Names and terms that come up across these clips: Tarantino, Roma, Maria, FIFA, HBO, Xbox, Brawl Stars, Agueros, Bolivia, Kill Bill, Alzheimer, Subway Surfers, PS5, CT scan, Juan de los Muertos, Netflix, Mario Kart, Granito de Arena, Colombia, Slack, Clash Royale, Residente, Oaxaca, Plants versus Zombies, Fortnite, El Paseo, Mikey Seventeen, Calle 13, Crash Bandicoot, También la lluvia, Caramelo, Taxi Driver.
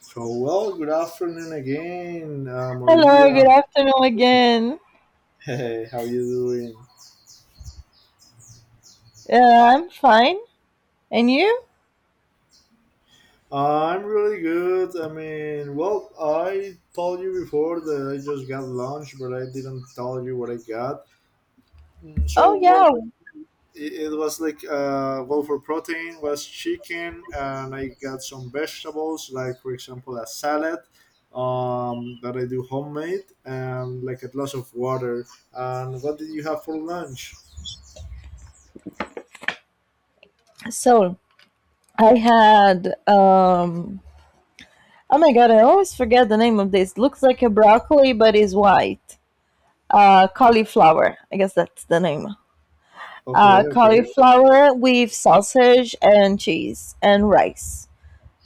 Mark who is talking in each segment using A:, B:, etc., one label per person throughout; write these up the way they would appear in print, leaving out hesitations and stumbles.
A: So, well, good afternoon again,
B: Hello, good
A: Maria.
B: afternoon again.
A: Hey, how you doing?
B: I'm fine. And you?
A: I'm really good. I mean, well, I told you before that I just got lunch, but I didn't tell you what I got.
B: Oh,
A: So, well,
B: yeah.
A: it was like, well, for protein was chicken, and I got some vegetables, like for example a salad, that I do homemade, and like a glass of water. And what did you have for lunch?
B: So I had, oh my God, I always forget the name of this. Looks like a broccoli, but is white. Cauliflower. I guess that's the name.
A: Okay.
B: Cauliflower with sausage and cheese and rice.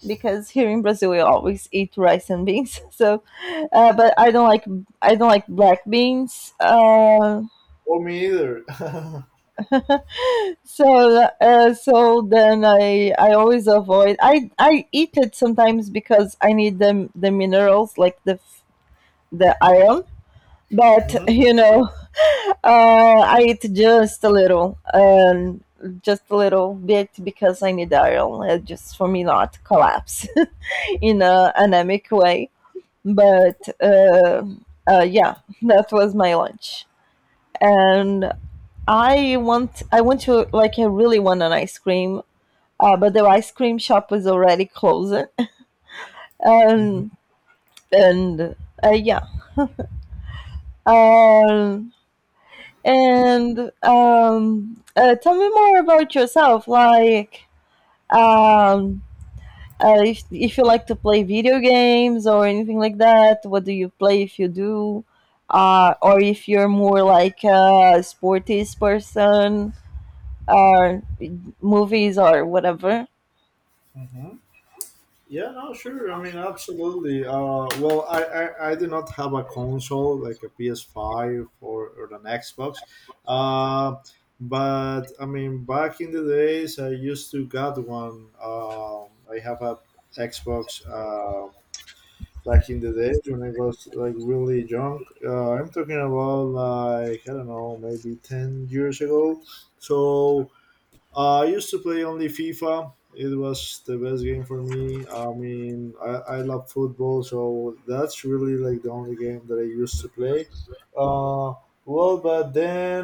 B: Because here in Brazil we always eat rice and beans. But I don't like black beans.
A: Oh, me either.
B: So then I always avoid I eat it sometimes because I need the minerals like the iron but
A: Hmm.
B: you know I eat just a little and just a little bit because I need iron, just for me not collapse in a anemic way, but yeah, that was my lunch. And I want to, like, I really want an ice cream, but the ice cream shop was already closed.
A: Mhm.
B: Um, and Yeah. Um, and Tell me more about yourself. Um, if you like to play video games or anything like that, what do you play if you do? Or if you're more like a sportist person, or movies or whatever.
A: Hmm. Yeah, no, sure. I mean, absolutely. Well, I do not have a console like a PS5 or an Xbox. Uh, but I mean, back in the days, I used to got one. I have a Xbox, back in the days when I was like really young. I'm talking about like, I don't know, maybe 10 years ago. So. I used to play only FIFA. It was the best game for me. I mean, I love football, so that's really like the only game that I used to play. Uh, well, but then,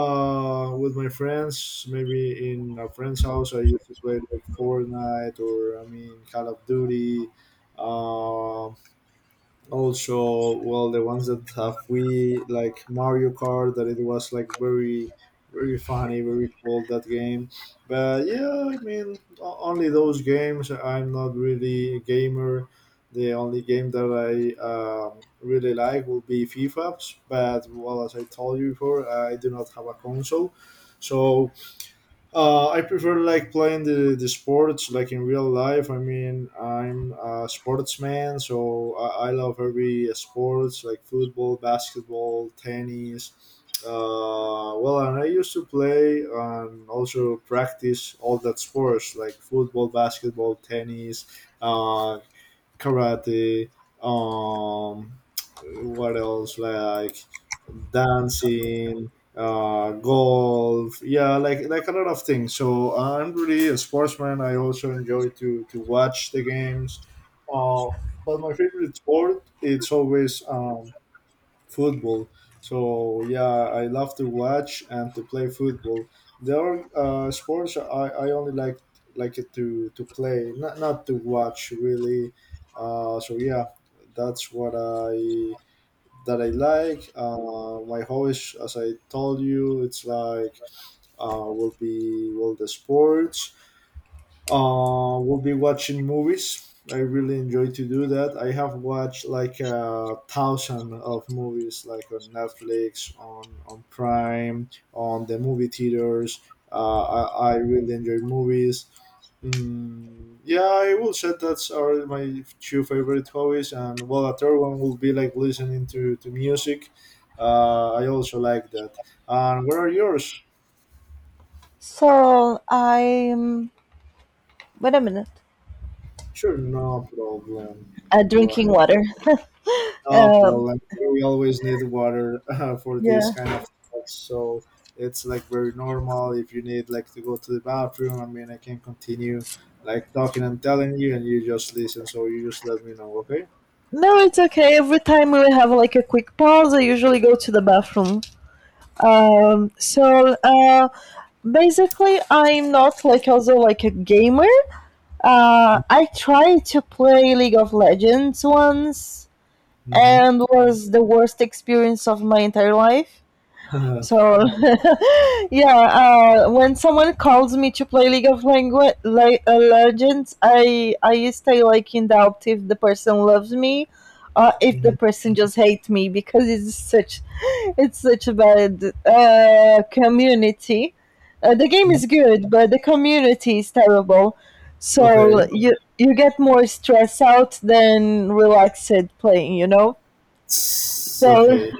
A: with my friends, maybe in a friend's house, I used to play like Fortnite, or I mean Call of Duty. Um Also, well, the ones that have, we like Mario Kart, that it was like very, very funny, very cool, that game. But yeah, I mean, only those games. I'm not really a gamer. The only game that I really like will be FIFA. But well, as I told you before, I do not have a console. So, I prefer like playing the sports like in real life. I mean, I'm a sportsman, so I love every sports like football, basketball, tennis. Well, and I used to play and also practice all that sports like football, basketball, tennis, uh, karate, um, what else, like dancing, golf, yeah, like, a lot of things. So I'm really a sportsman. I also enjoy to watch the games. Uh, but my favorite sport, it's always football. So yeah, I love to watch and to play football. There are, sports I only like it to play, not to watch really. So yeah, that's what I that I like. My hobbies, as I told you, it's like, will be, well, the sports, we'll be watching movies. I really enjoy to do that. I have watched like a thousand of movies, like on Netflix, on Prime, on the movie theaters. I really enjoy movies. Yeah, I will say that's are my two favorite hobbies, and well, a third one will be like listening to music. I also like that. And what are yours?
B: So I'm, Wait a minute,
A: Sure, no problem. Go
B: drinking
A: ahead.
B: water.
A: No
B: Um,
A: problem. We always need water. For these
B: yeah.
A: kind of things, so it's like very normal. If you need like to go to the bathroom, I mean, I can continue like talking and telling you, and you just listen. So you just let me know, okay?
B: No, it's okay. Every time we have like a quick pause, I usually go to the bathroom. Um, so uh, Basically, I'm not like also like a gamer. I tried to play League of Legends once
A: Mm-hmm.
B: and was the worst experience of my entire life.
A: Mm-hmm.
B: So, yeah, when someone calls me to play League of Langu- Le- Legends, I stay like in doubt if the person loves me or if the person just hates me because it's such it's such a bad community. The game is good, but the community is terrible. So
A: Okay.
B: you get more stressed out than relaxed playing, you know.
A: It's
B: So
A: okay.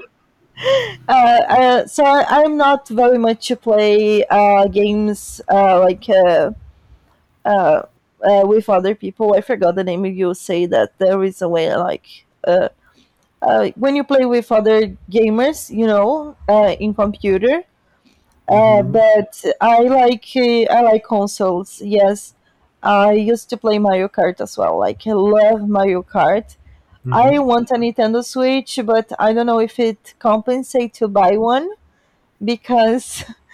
B: so I'm not very much to play games, uh, with other people. I forgot the name. You say that there is a way like, when you play with other gamers, you know, in computer.
A: Mm-hmm.
B: But I like consoles. Yes, I used to play Mario Kart as well. Like I love Mario Kart. I
A: Mm-hmm.
B: want a Nintendo Switch, but I don't know if it compensates to buy one because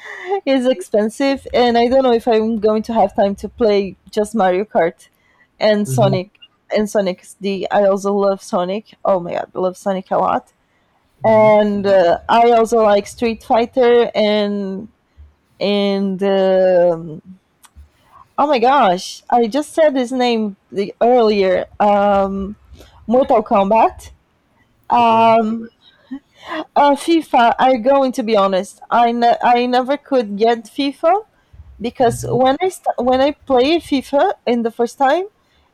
B: it's expensive, and I don't know if I'm going to have time to play just Mario Kart and
A: Mm-hmm.
B: Sonic and Sonic D. I also love Sonic. Oh my god, I love Sonic a lot.
A: Mm-hmm.
B: And I also like Street Fighter and and um, oh my gosh, I just said his name earlier. Mortal Kombat.
A: Okay.
B: Um, FIFA. I'm going to be honest. I never could get FIFA because
A: Mm-hmm.
B: when I played FIFA in the first time,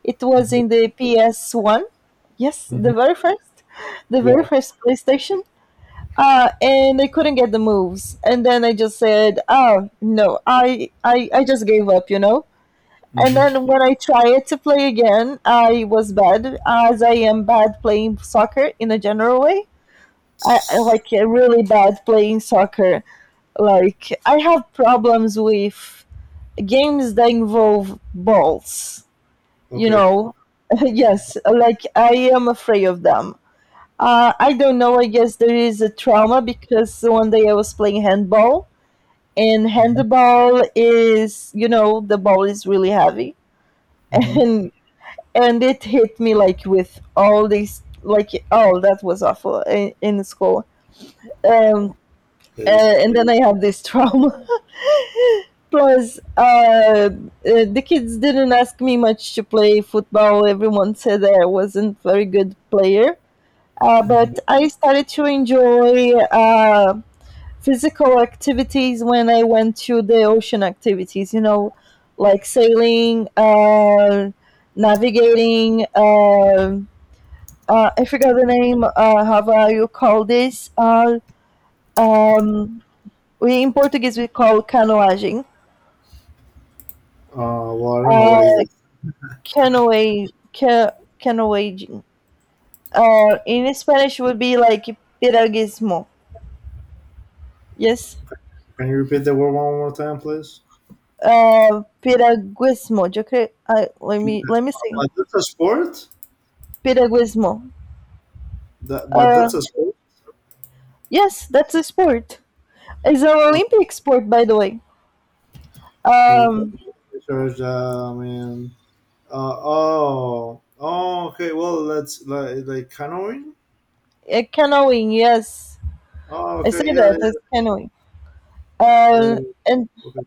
B: it was
A: Mm-hmm.
B: in the PS One. Yes,
A: Mm-hmm.
B: the very
A: Yeah.
B: first PlayStation. And I couldn't get the moves, and then I just said, "Oh no, I just gave up," you know. And
A: Mm-hmm.
B: then when I tried to play again, I was bad, as I am bad playing soccer in a general way. I
A: It's
B: like really bad playing soccer. Like I have problems with games that involve balls. You
A: okay.
B: know, yes, like I am afraid of them. I don't know. I guess there is a trauma because one day I was playing handball, and
A: Mm-hmm.
B: handball is, you know, the ball is really heavy,
A: Mm-hmm.
B: and and it hit me like with all these, like oh, that was awful in school. Um,
A: Okay.
B: uh, and then I have this trauma. Plus, the kids didn't ask me much to play football. Everyone said that I wasn't very good player,
A: Mm-hmm.
B: but I started to enjoy physical activities when I went to the ocean activities. You know, like sailing, navigating. I forgot the name. How You call this? Um, we in Portuguese we call canoaging.
A: Well, I don't know
B: Uh,
A: what is that.
B: canoe, ca- Canoeing. In Spanish would be like piraguismo. Yes.
A: Can you repeat the word one more time, please?
B: Piraguismo. Yo creo. I Let
A: P-
B: me
A: uh,
B: see.
A: but that's a sport.
B: Piraguismo.
A: But
B: Uh,
A: that's a sport.
B: yes, that's a sport. It's an
A: Uh,
B: Olympic sport, by the way.
A: P.
B: Um,
A: Research. I mean. Oh. Oh. Okay. Well, let's, like canoeing.
B: Canoeing. Yes,
A: Oh.
B: I say
A: Okay. Yeah.
B: that.
A: Yeah.
B: It's canoeing.
A: Yeah.
B: Uh,
A: Yeah,
B: and
A: okay.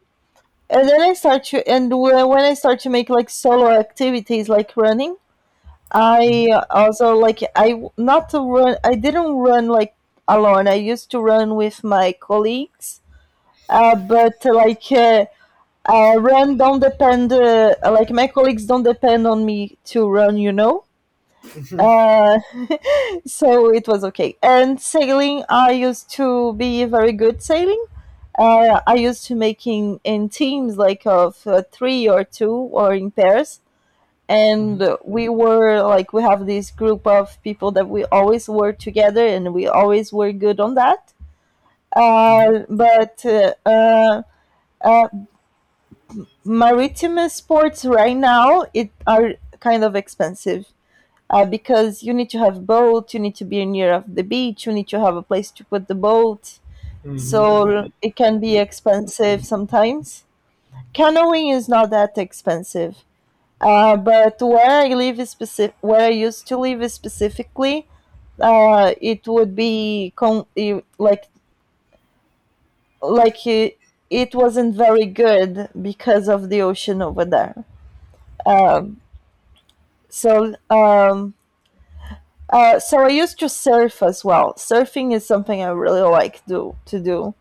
B: and then I start to and wh- when I start to make like solo activities like running, I also like not to run. I didn't run like alone. I used to run with my colleagues, but like run don't depend. Like my colleagues don't depend on me to run. You know.
A: Mm-hmm.
B: Uh, so it was okay. And sailing, I used to be very good sailing. I used to making in teams like of three or two or in pairs, and
A: Mm-hmm.
B: we were like we have this group of people that we always work together and we always were good on that.
A: Mm-hmm.
B: But uh, Maritime sports right now it are kind of expensive, because you need to have boat, you need to be near of the beach, you need to have a place to put the boat,
A: Mm-hmm.
B: so it can be expensive sometimes. Canoeing is not that expensive. But where I live specific, where I used to live specifically, it would be like like it, it wasn't very good because of the ocean over there. So um, so I used to surf as well. Surfing is something I really like do to do,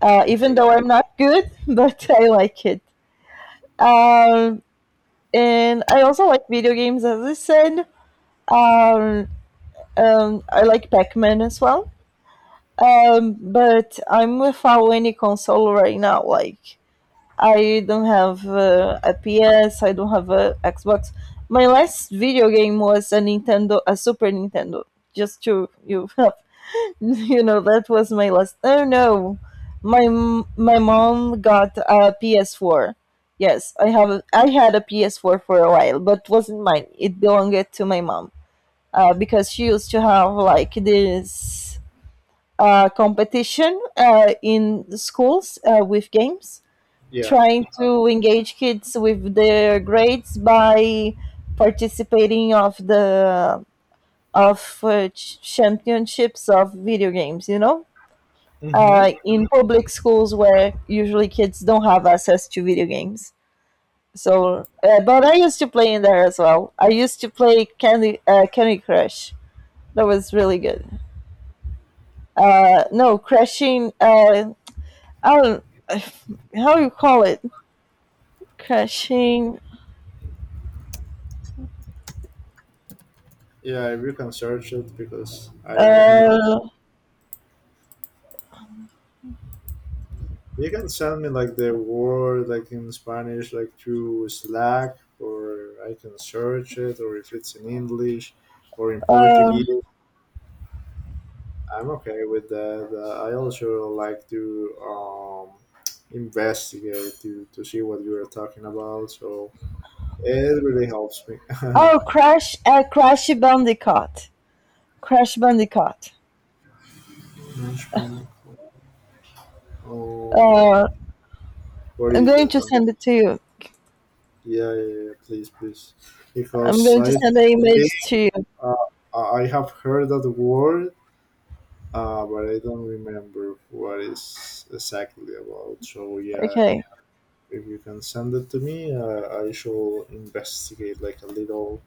B: even
A: Okay.
B: though I'm not good, but I like it. Um, and I also like video games, as I said. Um, I like Pac-Man as well. But I'm without any console right now. Like I don't have, a PS. I don't have a Xbox. My last video game was a Nintendo, a Super Nintendo. Just to you, you know, that was my last. Oh no, my my mom got a PS4. Yes, I have. I had a PS4 for a while, but wasn't mine. It belonged to my mom because she used to have like this competition in the schools, with games,
A: Yeah.
B: trying to engage kids with their grades by participating of the championships of video games. You know,
A: Mm-hmm.
B: in public schools where usually kids don't have access to video games. So, but I used to play in there as well. I used to play Candy Crush. That was really good. No, crashing. I don't uh, how do you call it crashing.
A: Yeah. If you can search it, because I don't even know.
B: Uh,
A: You can send me like the word like in Spanish, like through Slack, or I can search it, or if it's in English or in
B: uh,
A: Portuguese, I'm okay with that. I also like to investigate to see what you are talking about, so it really helps me.
B: oh, Crash Bandicoot. Crash Bandicoot.
A: Management, um,
B: Uh,
A: what
B: I'm
A: is
B: going
A: that?
B: to send it to you.
A: Yeah, yeah, yeah, yeah, please, please,
B: I'm
A: because
B: going to
A: I
B: send an
A: think.
B: image to you.
A: Uh, I have heard that word. But I don't remember what it's exactly about. So yeah,
B: Okay.
A: if you can send it to me, I shall investigate like a little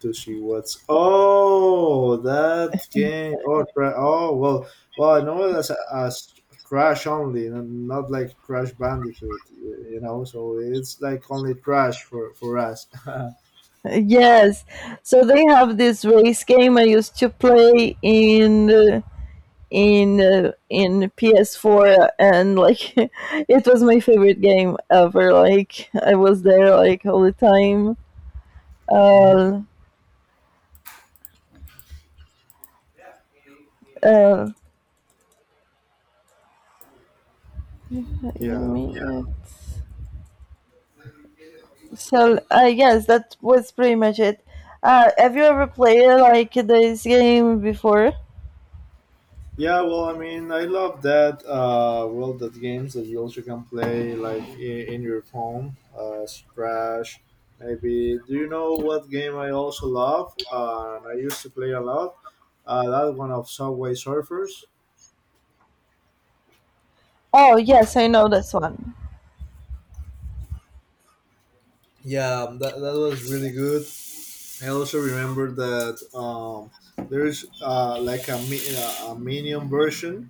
A: to see what's. Oh, that game. Oh, oh well, I know it as Crash only, not like Crash Bandicoot. You know, so it's like only Crash for us.
B: Yes. So they have this race game I used to play in in PS4 and like it was my favorite game ever, like I was there like all the time.
A: Hmm.
B: Uh, Uh,
A: Yeah.
B: So I guess that was pretty much it. Have you ever played like this game before?
A: Yeah, well, I mean, I love that. Well, that games that you also can play like in your phone, Crash, maybe. Do you know what game I also love? And I used to play a lot. That one of Subway Surfers.
B: Oh yes, I know this one.
A: Yeah, that was really good. I also remember that, there's, like a, mi- a minion version,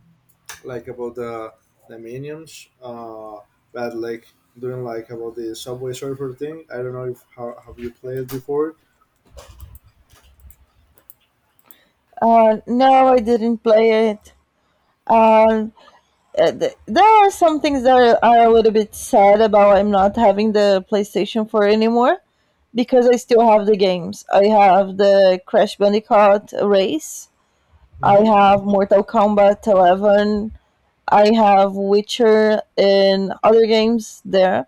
A: like about the minions, but like doing like about the Subway Surfer thing. I don't know if how have you played before.
B: No, I didn't play it. Um, there are some things that are a little bit sad about I'm not having the PlayStation 4 anymore because I still have the games. I have the Crash Bandicoot Race. I
A: Mm-hmm.
B: have Mortal Kombat 11. I have Witcher and other games there.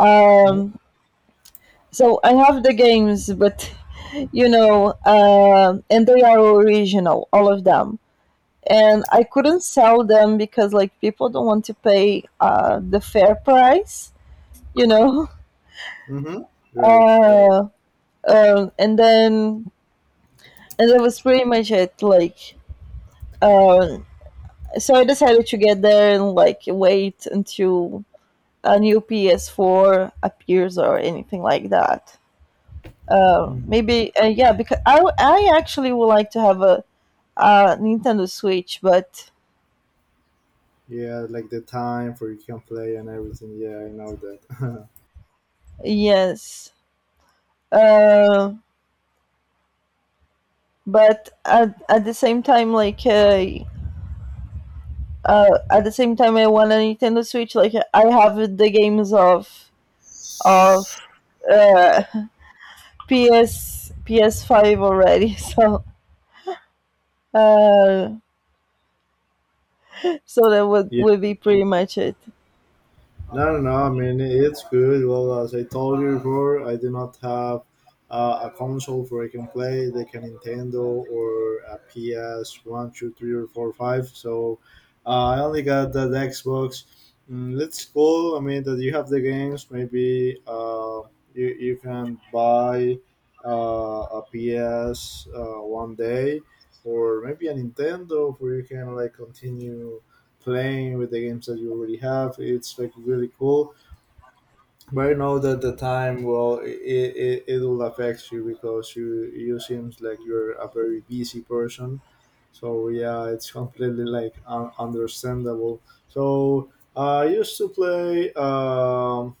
B: Um, so I have the games, but you know, and they are original, all of them. And I couldn't sell them because like people don't want to pay the fair price, you know.
A: Mm-hmm. Right.
B: Uh, and then and that was pretty much it. Um, so I decided to get there and like wait until a new PS4 appears or anything like that.
A: Hmm.
B: Maybe Yeah, because I actually would like to have a Nintendo Switch, but
A: Yeah, like the time for you can play and everything. Yeah, I know that.
B: yes, uh, at the same time, at the same time, I want a Nintendo Switch. Like I have the games of of uh, PS PS5 already, so uh, so that
A: Yeah.
B: would be pretty much it.
A: No, no, no. I mean, it's good. Well, as I told you before, I do not have, a console where I can play like a Nintendo or a PS one, two, three, or four, five. So, I only got that Xbox. That's cool. I mean, that you have the games. Maybe, you can buy, a PS, one day, or maybe a Nintendo where you can like continue playing with the games that you already have. It's like really cool. But I know that the time, well, it will affect you because you seems like you're a very busy person. So yeah, it's completely like understandable. So I used to play,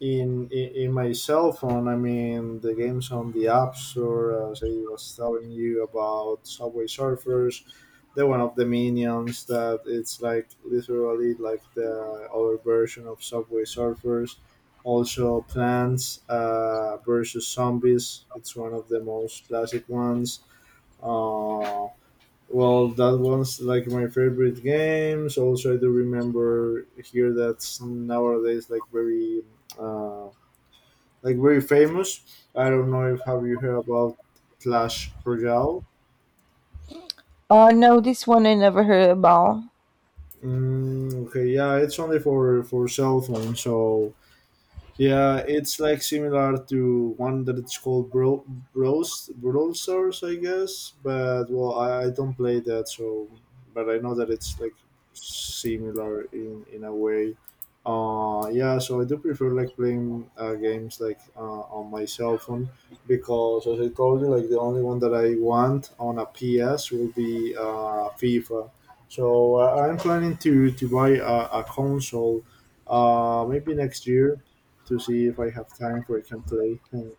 A: in my cell phone. I mean, the games on the app store. As I was telling you about Subway Surfers, the one of the minions that it's like literally like the other version of Subway Surfers. Also, Plants, versus Zombies. It's one of the most classic ones. Uh, well, that one's like my favorite games. Also, I do remember here that's nowadays like very, uh, like very famous. I don't know if have you heard about Clash Royale.
B: No, this one I never heard about.
A: Okay, yeah, it's only for cell phone, so yeah, it's like similar to one that it's called Bros Brawl Stars, I guess. But well, I don't play that, so but I know that it's like similar in a way. Yeah, so I do prefer like playing, games like, on my cell phone because, as I told you, like the only one that I want on a PS will be, FIFA. So, I'm planning to buy a console, maybe next year to see if I have time for I can play. And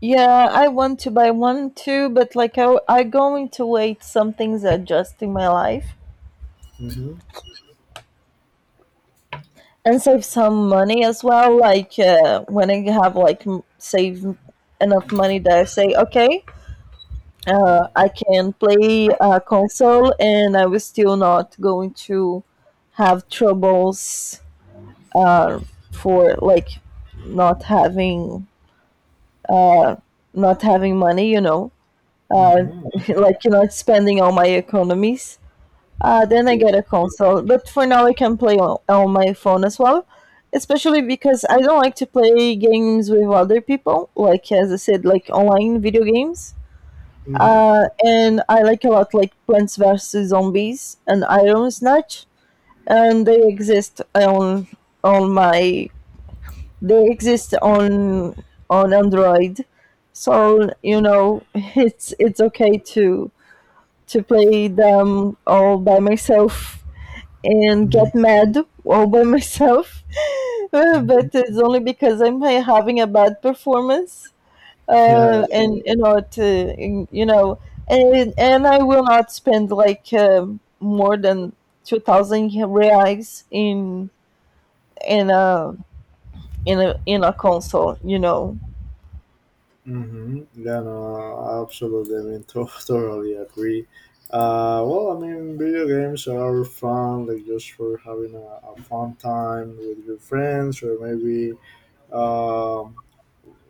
B: Yeah, I want to buy one too, but like I going to wait some things adjust in my life
A: Mm-hmm.
B: and save some money as well. Like when I have like m- Save enough money that I say, okay,
A: Mm-hmm.
B: I can play a console and I was still not going to have troubles for like not having not having money, you know. uh,
A: Mm-hmm.
B: like you know spending all my economies. Then I
A: Yeah.
B: get a console, but for now I can play on my phone as well. Especially because I don't like to play games with other people, like as I said, like online video games.
A: Mm-hmm.
B: And I like a lot, like Plants vs Zombies and Iron Snatch, and on my they exist on Android, so you know, it's okay to play them all by myself and get mad all by myself.
A: Mm-hmm.
B: But it's only because I'm having a bad performance.
A: Yeah,
B: And you know, to, you know, And I will not spend like, more than 2,000 reais in a in a console.
A: yeah, no, absolutely. I mean, totally agree. Well, I mean, video games are fun, like just for having a fun time with your friends, or maybe um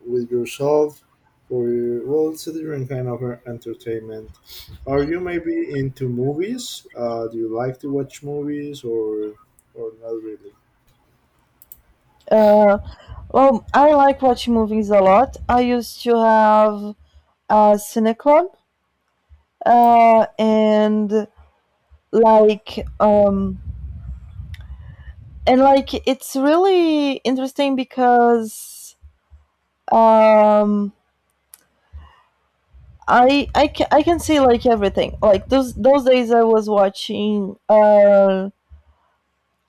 A: with yourself for, well, it's a different kind of, entertainment. Are you maybe into movies? Do you like to watch movies or not really?
B: uh, well, I like watching movies a lot. I used to have a cineclub, uh, and like um, and like it's really interesting because, um, I can see like everything. Like those days I was watching,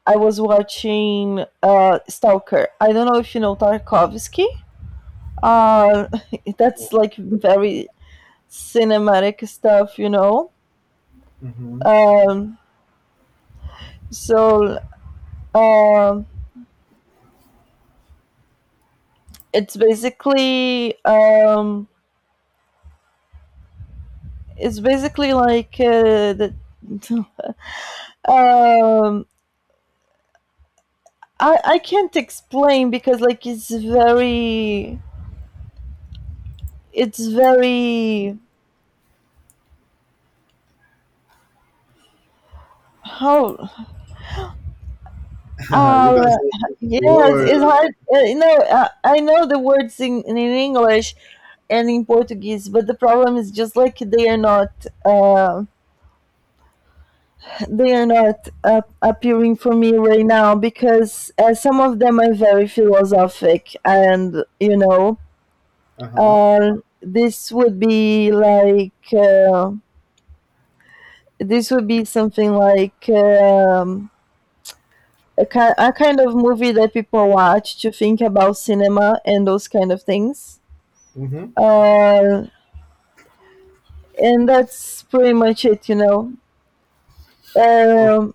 B: I was watching, Stalker. I don't know if you know Tarkovsky. Uh,
A: No.
B: that's like very cinematic stuff.
A: Hmm.
B: Um, so um, it's basically um, it's basically like the um I can't explain, because like it's very how
A: You can
B: uh
A: say the
B: yes, it's
A: word.
B: hard. You know, I know the words in English and in Portuguese, but the problem is just like they are not, appearing for me right now, because some of them are very philosophic, and
A: Uh huh.
B: This would be like, this would be something like, a kind of movie that people watch to think about cinema and those kind of things.
A: Mm-hmm.
B: Uh, and that's pretty much it. Um,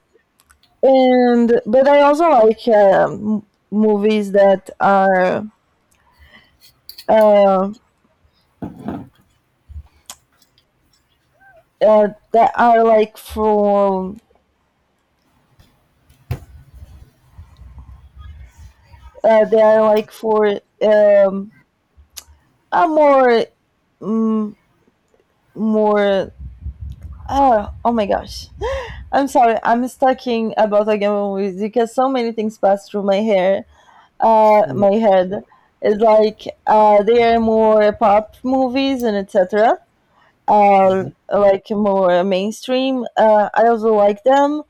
B: and but I also like, movies that are, uh, that are like for they are like for, a more, mm more, oh my gosh, I'm sorry I'm talking about again movies because so many things pass through my hair,
A: Okay.
B: my head. It's like, they are more pop movies and etc. uh,
A: Mhm.
B: like more mainstream. I also like them.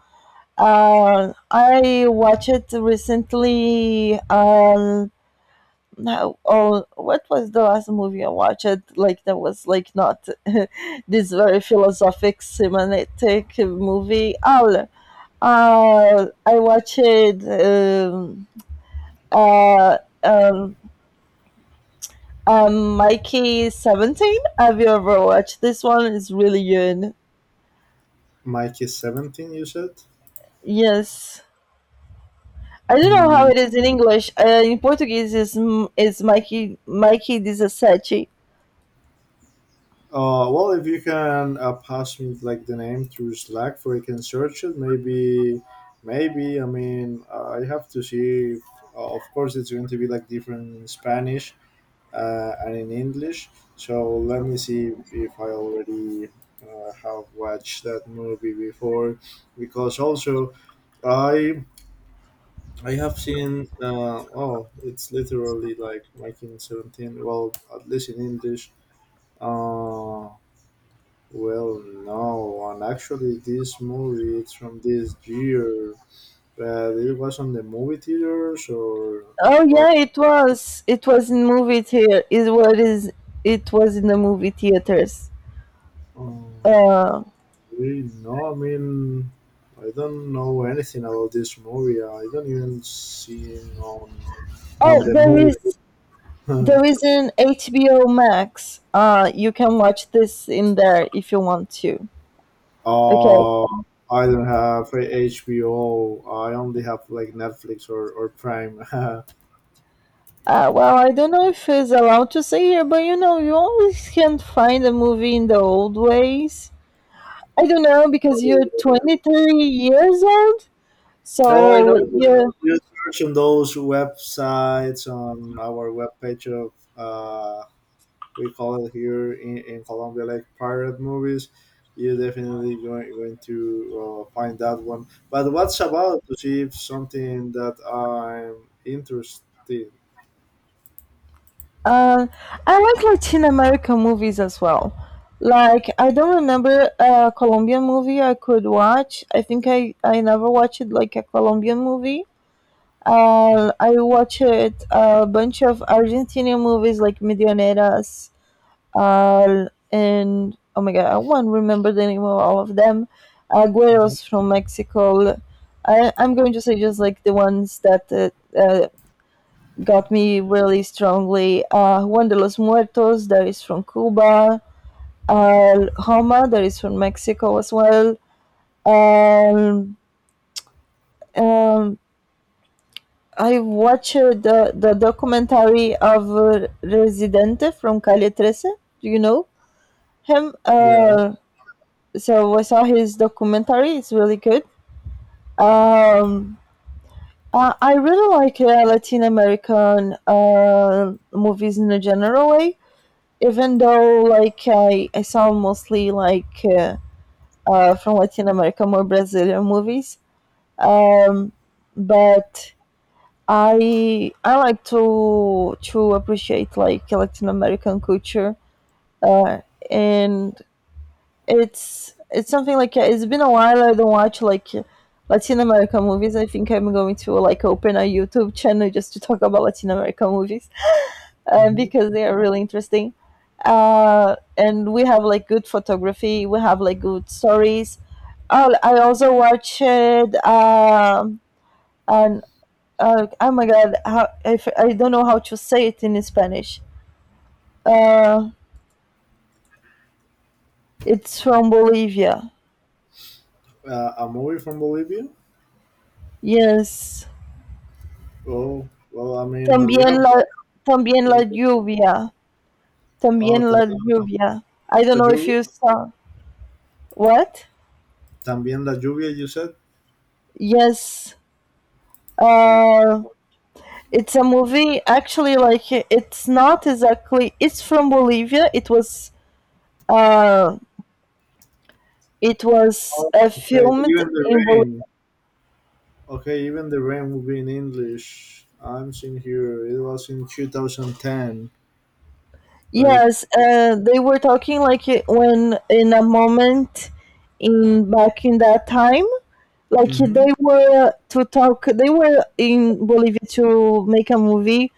B: I watched recently, now, oh, what was the last movie I watched? Like that was like not this very philosophic, semantic movie. Oh, I watched, uh, um, Mikey 17. Have you ever watched this one? It's really good.
A: Mike is 17, you said.
B: Yes. I don't know how it is in English. In Portuguese, is Mikey 17.
A: Well, if you can, pass me like the name through Slack, so I can search it. Maybe, maybe. I mean, I have to see. If, of course, it's going to be like different in Spanish, and in English. So let me see if I already, have watched that movie before, because also I I have seen. Oh, it's literally like 1917. Well, at least in English. Uh, well, no, and actually, this movie it's from this year, but it was on the movie theaters or in
B: Oh yeah,
A: what?
B: it was. It was in movie theater. It was. It was in the movie theaters.
A: Um,
B: Uh,
A: Really, no, I mean, I don't know anything about this movie. I don't even see it on
B: oh,
A: the
B: there is
A: movie.
B: there is an HBO Max. You can watch this in there if you want to. Okay.
A: uh, I don't have HBO. I only have like Netflix or Prime.
B: Well, I don't know if it's allowed to say here, but, you always can't find a movie in the old ways. I don't know because you're 23 years old,
A: No, I know
B: so
A: that
B: you
A: you search on those websites on our webpage of, we call it here in Colombia like pirate movies. You're definitely going to, find that one. But what's about to see if something that I'm interested?
B: Uh, I like Latin American movies as well. Like, I don't remember a Colombian movie I could watch. I think I never watched like a Colombian movie. I watched a bunch of Argentinian movies like Millioneras, uh, and oh my god, I won't remember the name of all of them.
A: Mhm.
B: Agueros from Mexico. I'm going to say just like the ones that, uh, got me really strongly. Juan de los Muertos, that is from Cuba. Roma, that is from Mexico as well. Um, um, I watched the documentary of, Residente from Calle 13. Do you know him?
A: Yeah,
B: So I saw his documentary. It's really good. Um, I really like, Latin American, movies in a general way. Even though, like, I saw mostly like, from Latin America, more Brazilian movies, um, but I like to appreciate like Latin American culture. uh, and it's something like, it's been a while I don't watch like Latin American movies. I think I'm going to like open a YouTube channel just to talk about Latin American movies,
A: hmm
B: because they are really interesting. And we have like good photography. We have like good stories. Oh, I also watched, and oh my god, how, if I don't know how to say it in Spanish. Uh, it's from Bolivia.
A: a movie from Bolivia.
B: Yes.
A: Oh, well, I mean, you
B: También
A: have
B: la, También la lluvia.
A: oh,
B: También la
A: también
B: lluvia. I don't
A: la
B: know if
A: lluvia.
B: you saw what.
A: También la lluvia, you said.
B: Yes.
A: Oh,
B: Uh, It's a movie, actually, like it's not exactly. It's from Bolivia. It was, uh,
A: oh, okay,
B: filmed
A: even the
B: in Bolivia.
A: rain. Okay, even the rain will be in English. I'm seeing here. It was in 2010, right?
B: Yes, they were talking like, when in a moment, in back in that time, like
A: Mm-hmm.
B: they were to talk. They were in Bolivia to make a movie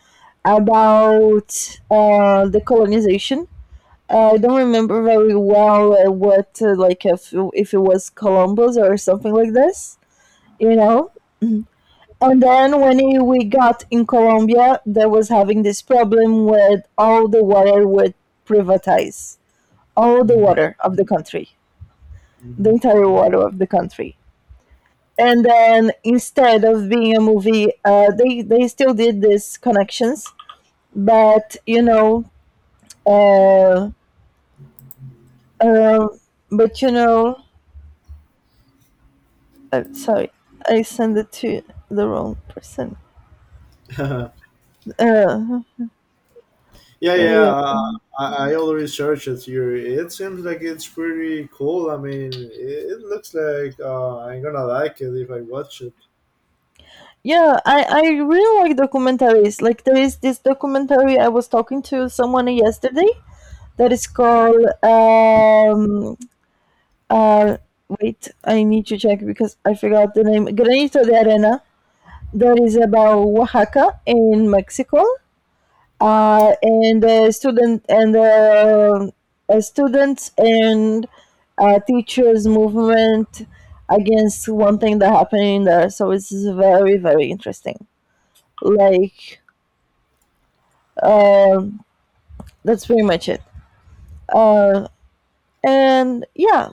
B: about, the colonization. I don't remember very well, what, like if it was Columbus or something like this, you know. And then when we got in Colombia, they was having this problem with all the water would privatize all the
A: Mm-hmm.
B: water of the country, the
A: Mm-hmm.
B: entire water of the country. And then instead of being a movie, they still did these connections, but you know, uh, uh, but I'm sorry. I sent it to the wrong person. Uh,
A: Yeah, yeah.
B: uh,
A: I already searched it here. It seems like it's pretty cool. I mean, it looks like, I'm gonna like it if I watch it.
B: yeah, I really like documentaries. Like, there is this documentary I was talking to someone yesterday that is called, uh wait, I need to check because I forgot the name. Granito de Arena. That is about Oaxaca in Mexico, and the student and the students and, teachers movement against one thing that happened in there. So it's very, very interesting. Like, um, that's pretty much it. Uh, and yeah,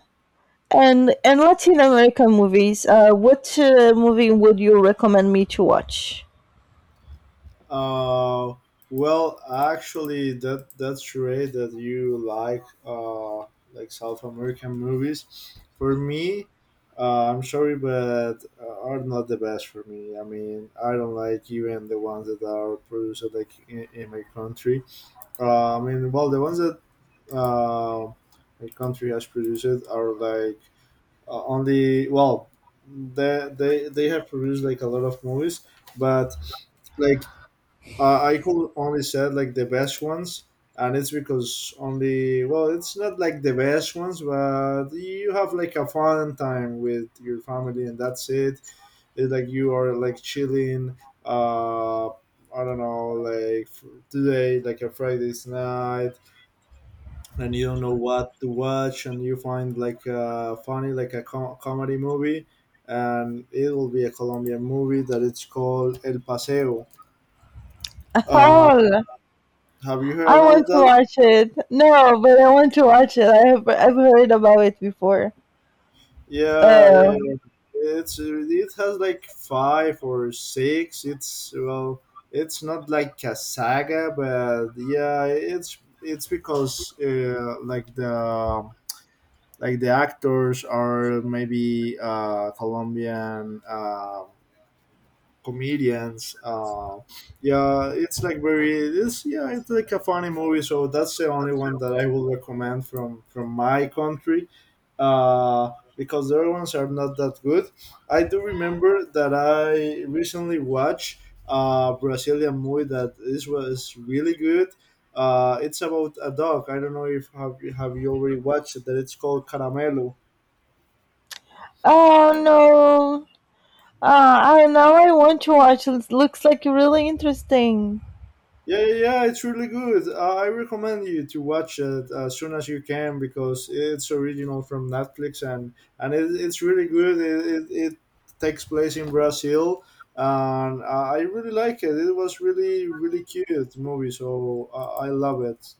B: and Latin American movies. What, movie would you recommend me to watch?
A: Uh, Actually, that's right. That you like South American movies. For me, I'm sorry, but are not the best for me. I mean, I don't like even the ones that are produced like in my country. I mean, well, the ones that uh, my country has produced are like only well, they have produced like a lot of movies, but like I could only said like the best ones, and it's because only well, it's not like the best ones, but you have like a fun time with your family, and that's it. It's like you are like chilling. I don't know, today, like a Friday's night, and you don't know what to watch, and you find like a funny, like a comedy movie, and it will be a Colombian movie that it's called El Paseo. Uh,
B: Oh,
A: have you heard
B: I want
A: about
B: to
A: that?
B: watch it. No, but I want to watch it. I've heard about it before.
A: Yeah, yeah,
B: Oh,
A: yeah. It has like five or six. It's well, it's not like a saga, but yeah, it's because like the actors are maybe Colombian comedians. Yeah, it's like very it's yeah, it's like a funny movie. So that's the only one that I would recommend from my country, because the other ones are not that good. I do remember that I recently watched a Brazilian movie that this was really good. It's about a dog. I don't know if have you already watched it. That it's called Caramelo.
B: oh no. I Now I want to watch. It looks like really interesting.
A: Yeah, yeah, yeah, it's really good. I recommend you to watch it as soon as you can because it's original from Netflix and it's really good. It takes place in Brazil and I really like it. It was really really cute movie, so I love it.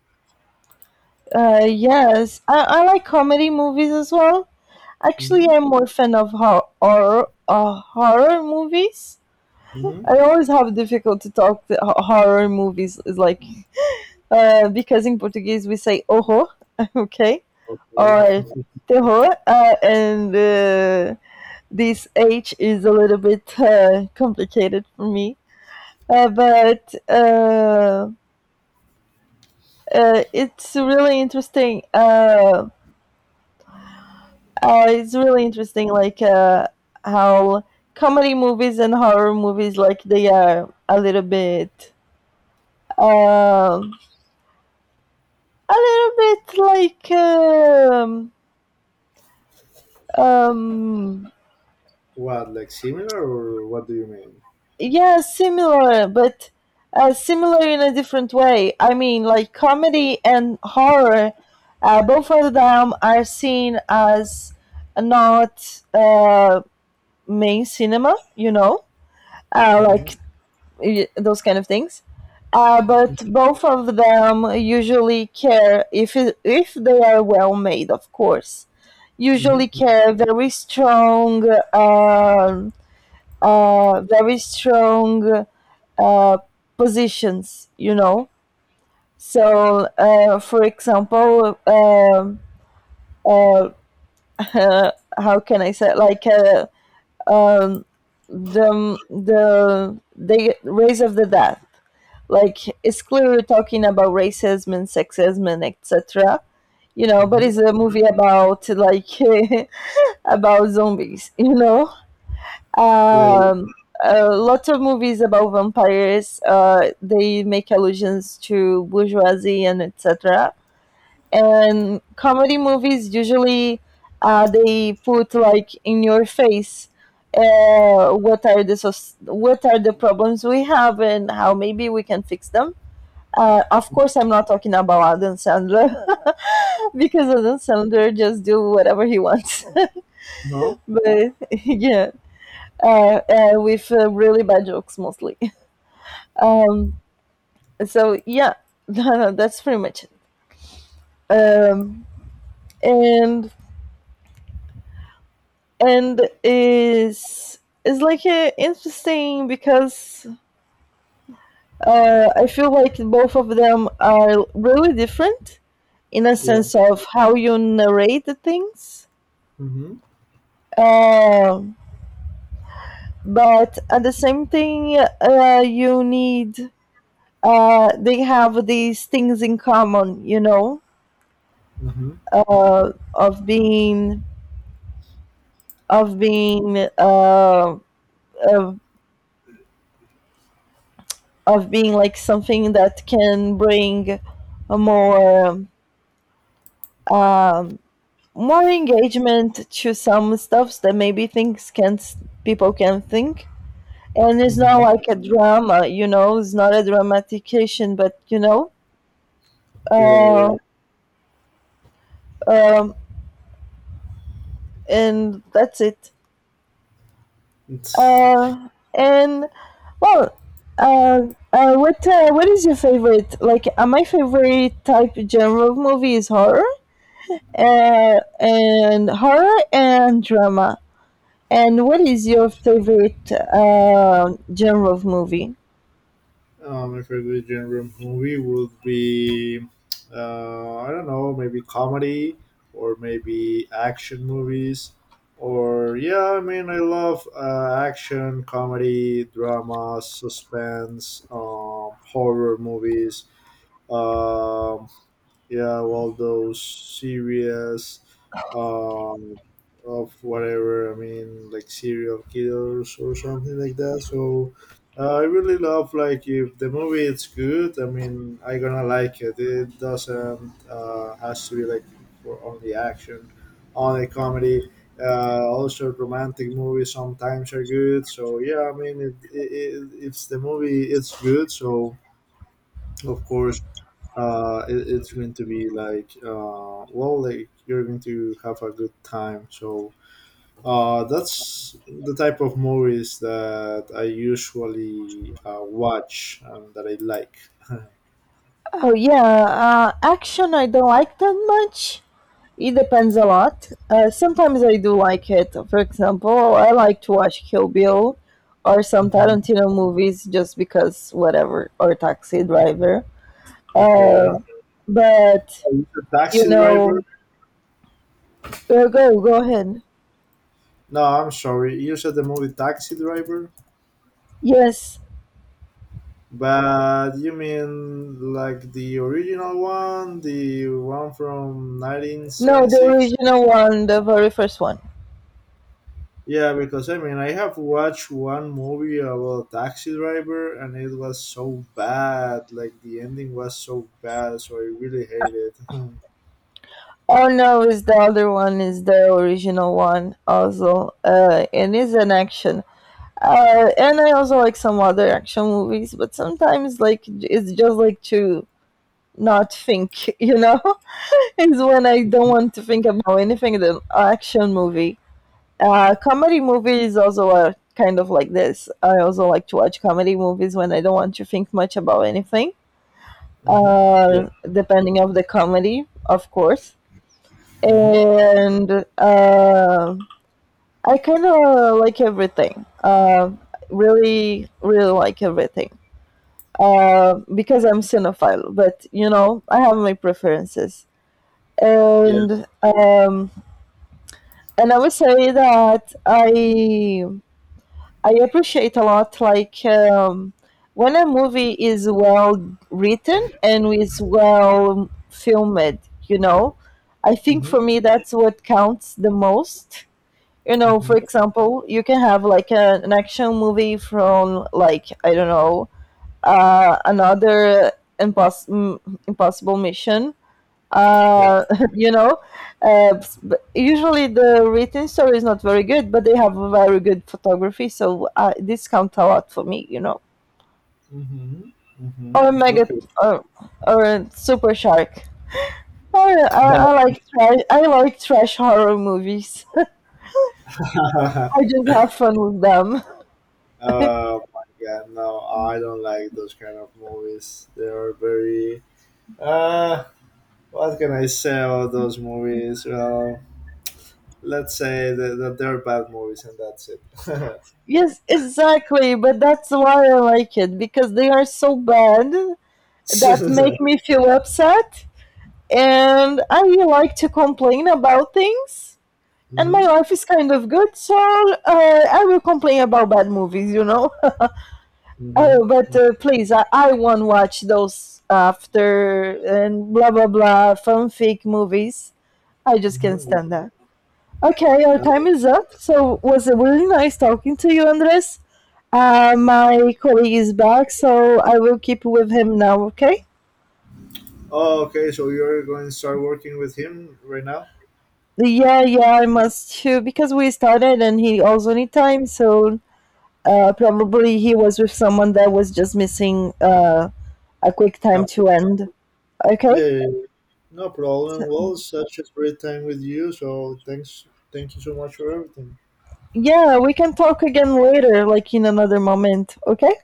B: Yes, I like comedy movies as well. Actually,
A: Mm-hmm.
B: I'm more fan of horror movies.
A: Mm-hmm.
B: I always have difficult to talk the horror movies is like, because in Portuguese we say ojo, okay,
A: Okay,
B: or terror, and, this H is a little bit, complicated for me. But, it's really interesting. It's really interesting, like, how comedy movies and horror movies, like, they are um, a little bit like, um,
A: what like similar or what do you mean?
B: yeah, similar, but, similar in a different way. I mean, like comedy and horror, both of them are seen as not, main cinema, you know.
A: Mm-hmm.
B: Like, those kind of things, but both of them usually care if if they are well made, of course, usually
A: Mm-hmm.
B: care very strong, uh, very strong, uh, positions, you know. So, for example, uh, how can I say? Like, um, the race of the death. Like, it's clearly talking about racism and sexism and etc. You know, but
A: Mm-hmm.
B: it's a movie about, like, about zombies.
A: Yeah. Yeah.
B: Um, Lots of movies about vampires. They make allusions to bourgeoisie and etc. And comedy movies usually, they put like in your face, what are the what are the problems we have and how maybe we can fix them. Of course, I'm not talking about Adam Sandler because Adam Sandler just do whatever he wants.
A: Uh-huh.
B: But, yeah, with, really bad jokes, mostly. Um, so yeah, that's pretty much it. Um, and and is is like, interesting because, I feel like both of them are really different in a
A: Yeah.
B: sense of how you narrate the things.
A: Mm-hmm.
B: Um, but at the same thing, you need they have these things in common, you know,
A: Mm-hmm.
B: of being, of being uh, of, of being like something that can bring a more, um, more engagement to some stuffs that maybe things can people can think, and it's
A: Mm-hmm.
B: not like a drama, you know, it's not a dramatication, but you know
A: Yeah. Yeah, yeah.
B: uh, um, and that's it.
A: It's-
B: Uh, and well, uh, what, what is your favorite? Like, my favorite type genre of movie is horror, and horror and drama. And what is your favorite, genre of movie?
A: My favorite genre of movie would be, I don't know, maybe comedy or maybe action movies. Or, yeah, I mean, I love action, comedy, drama, suspense, horror movies, um yeah, well, those serious um of whatever, I mean, like serial killers or something like that. So I really love like if the movie it's good, I mean, I gonna like it doesn't has to be like for only action, only comedy. Also romantic movies sometimes are good. So yeah, I mean, it if the movie it's good, so of course it's going to be like well, like you're going to have a good time. So that's the type of movies that I usually watch and that I like.
B: Oh yeah, action I don't like that much. It depends a lot. Sometimes I do like it. For example, I like to watch Kill Bill or some
A: Mhm.
B: Tarantino movies just because whatever, or Taxi Driver.
A: Okay.
B: Uh, but
A: You said
B: you
A: Taxi
B: know,
A: Driver.
B: go ahead.
A: No I'm sorry, you said the movie Taxi Driver,
B: Yes,
A: but you mean like the original one, the one from
B: no, the
A: 1976?
B: original one, the very first one.
A: Yeah, because I mean, I have watched one movie about Taxi Driver, and it was so bad. Like the ending was so bad, so I really hate it. mm-hmm.
B: Oh no, is the other one, is the original one also, and it's an action. And I also like some other action movies, but sometimes like it's just like to not think, you know. It's when I don't want to think about anything. The action movie, comedy movies also are kind of like this. I also like to watch comedy movies when I don't want to think much about anything.
A: Yeah.
B: Depending of the comedy, of course,
A: Mm-hmm.
B: and, I kind of like everything. Really, really like everything. Because I'm cinephile. But you know, I have my preferences,
A: Yeah.
B: and, and I would say that I appreciate a lot like, when a movie is well written and is well filmed. You know, I think
A: Mm-hmm.
B: for me that's what counts the most. You know, for
A: Mm-hmm.
B: example, you can have like an action movie from, like, I don't know, another impos- m- impossible mission.
A: Yeah.
B: Uh, you know, uh, s- usually the written story is not very good, but they have a very good photography, so, this counts a lot for me. You know,
A: Mm-hmm. Mm-hmm.
B: or mega,
A: Okay.
B: or, or super shark. Or, I like trash, I like trash horror movies. I just have fun with them.
A: oh my god, no, I don't like those kind of movies. They are very. Uh, what can I say about those movies? Well, let's say that they're bad movies, and that's it.
B: Yes, exactly, but that's why I like it, because they are so bad that
A: mm-hmm.
B: make me feel upset, and I really like to complain about things. And my life is kind of good, so, I will complain about bad movies, you know.
A: Mm-hmm.
B: Oh, but, please, I won't watch those after and blah blah blah fanfic movies. I just can't
A: Mhm.
B: stand that. Okay, our
A: Uh,
B: time is up. So was it really nice talking to you, Andres? My colleague is back, so I will keep with him now. Okay.
A: Oh, okay. So you're going to start working with him right now?
B: Yeah, yeah, I must too because we started and he also need time. So, probably he was with someone that was just missing, a quick time
A: Couple.
B: to end.
A: Yeah,
B: Okay.
A: yeah, yeah. No problem.
B: So-
A: Well, such a great time with you. So thank you so much for everything.
B: yeah, we can talk again later, like in another moment. Okay.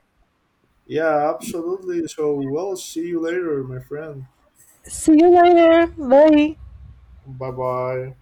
A: Yeah, absolutely. So we'll see you later, my friend.
B: See you later. Bye.
A: Bye bye.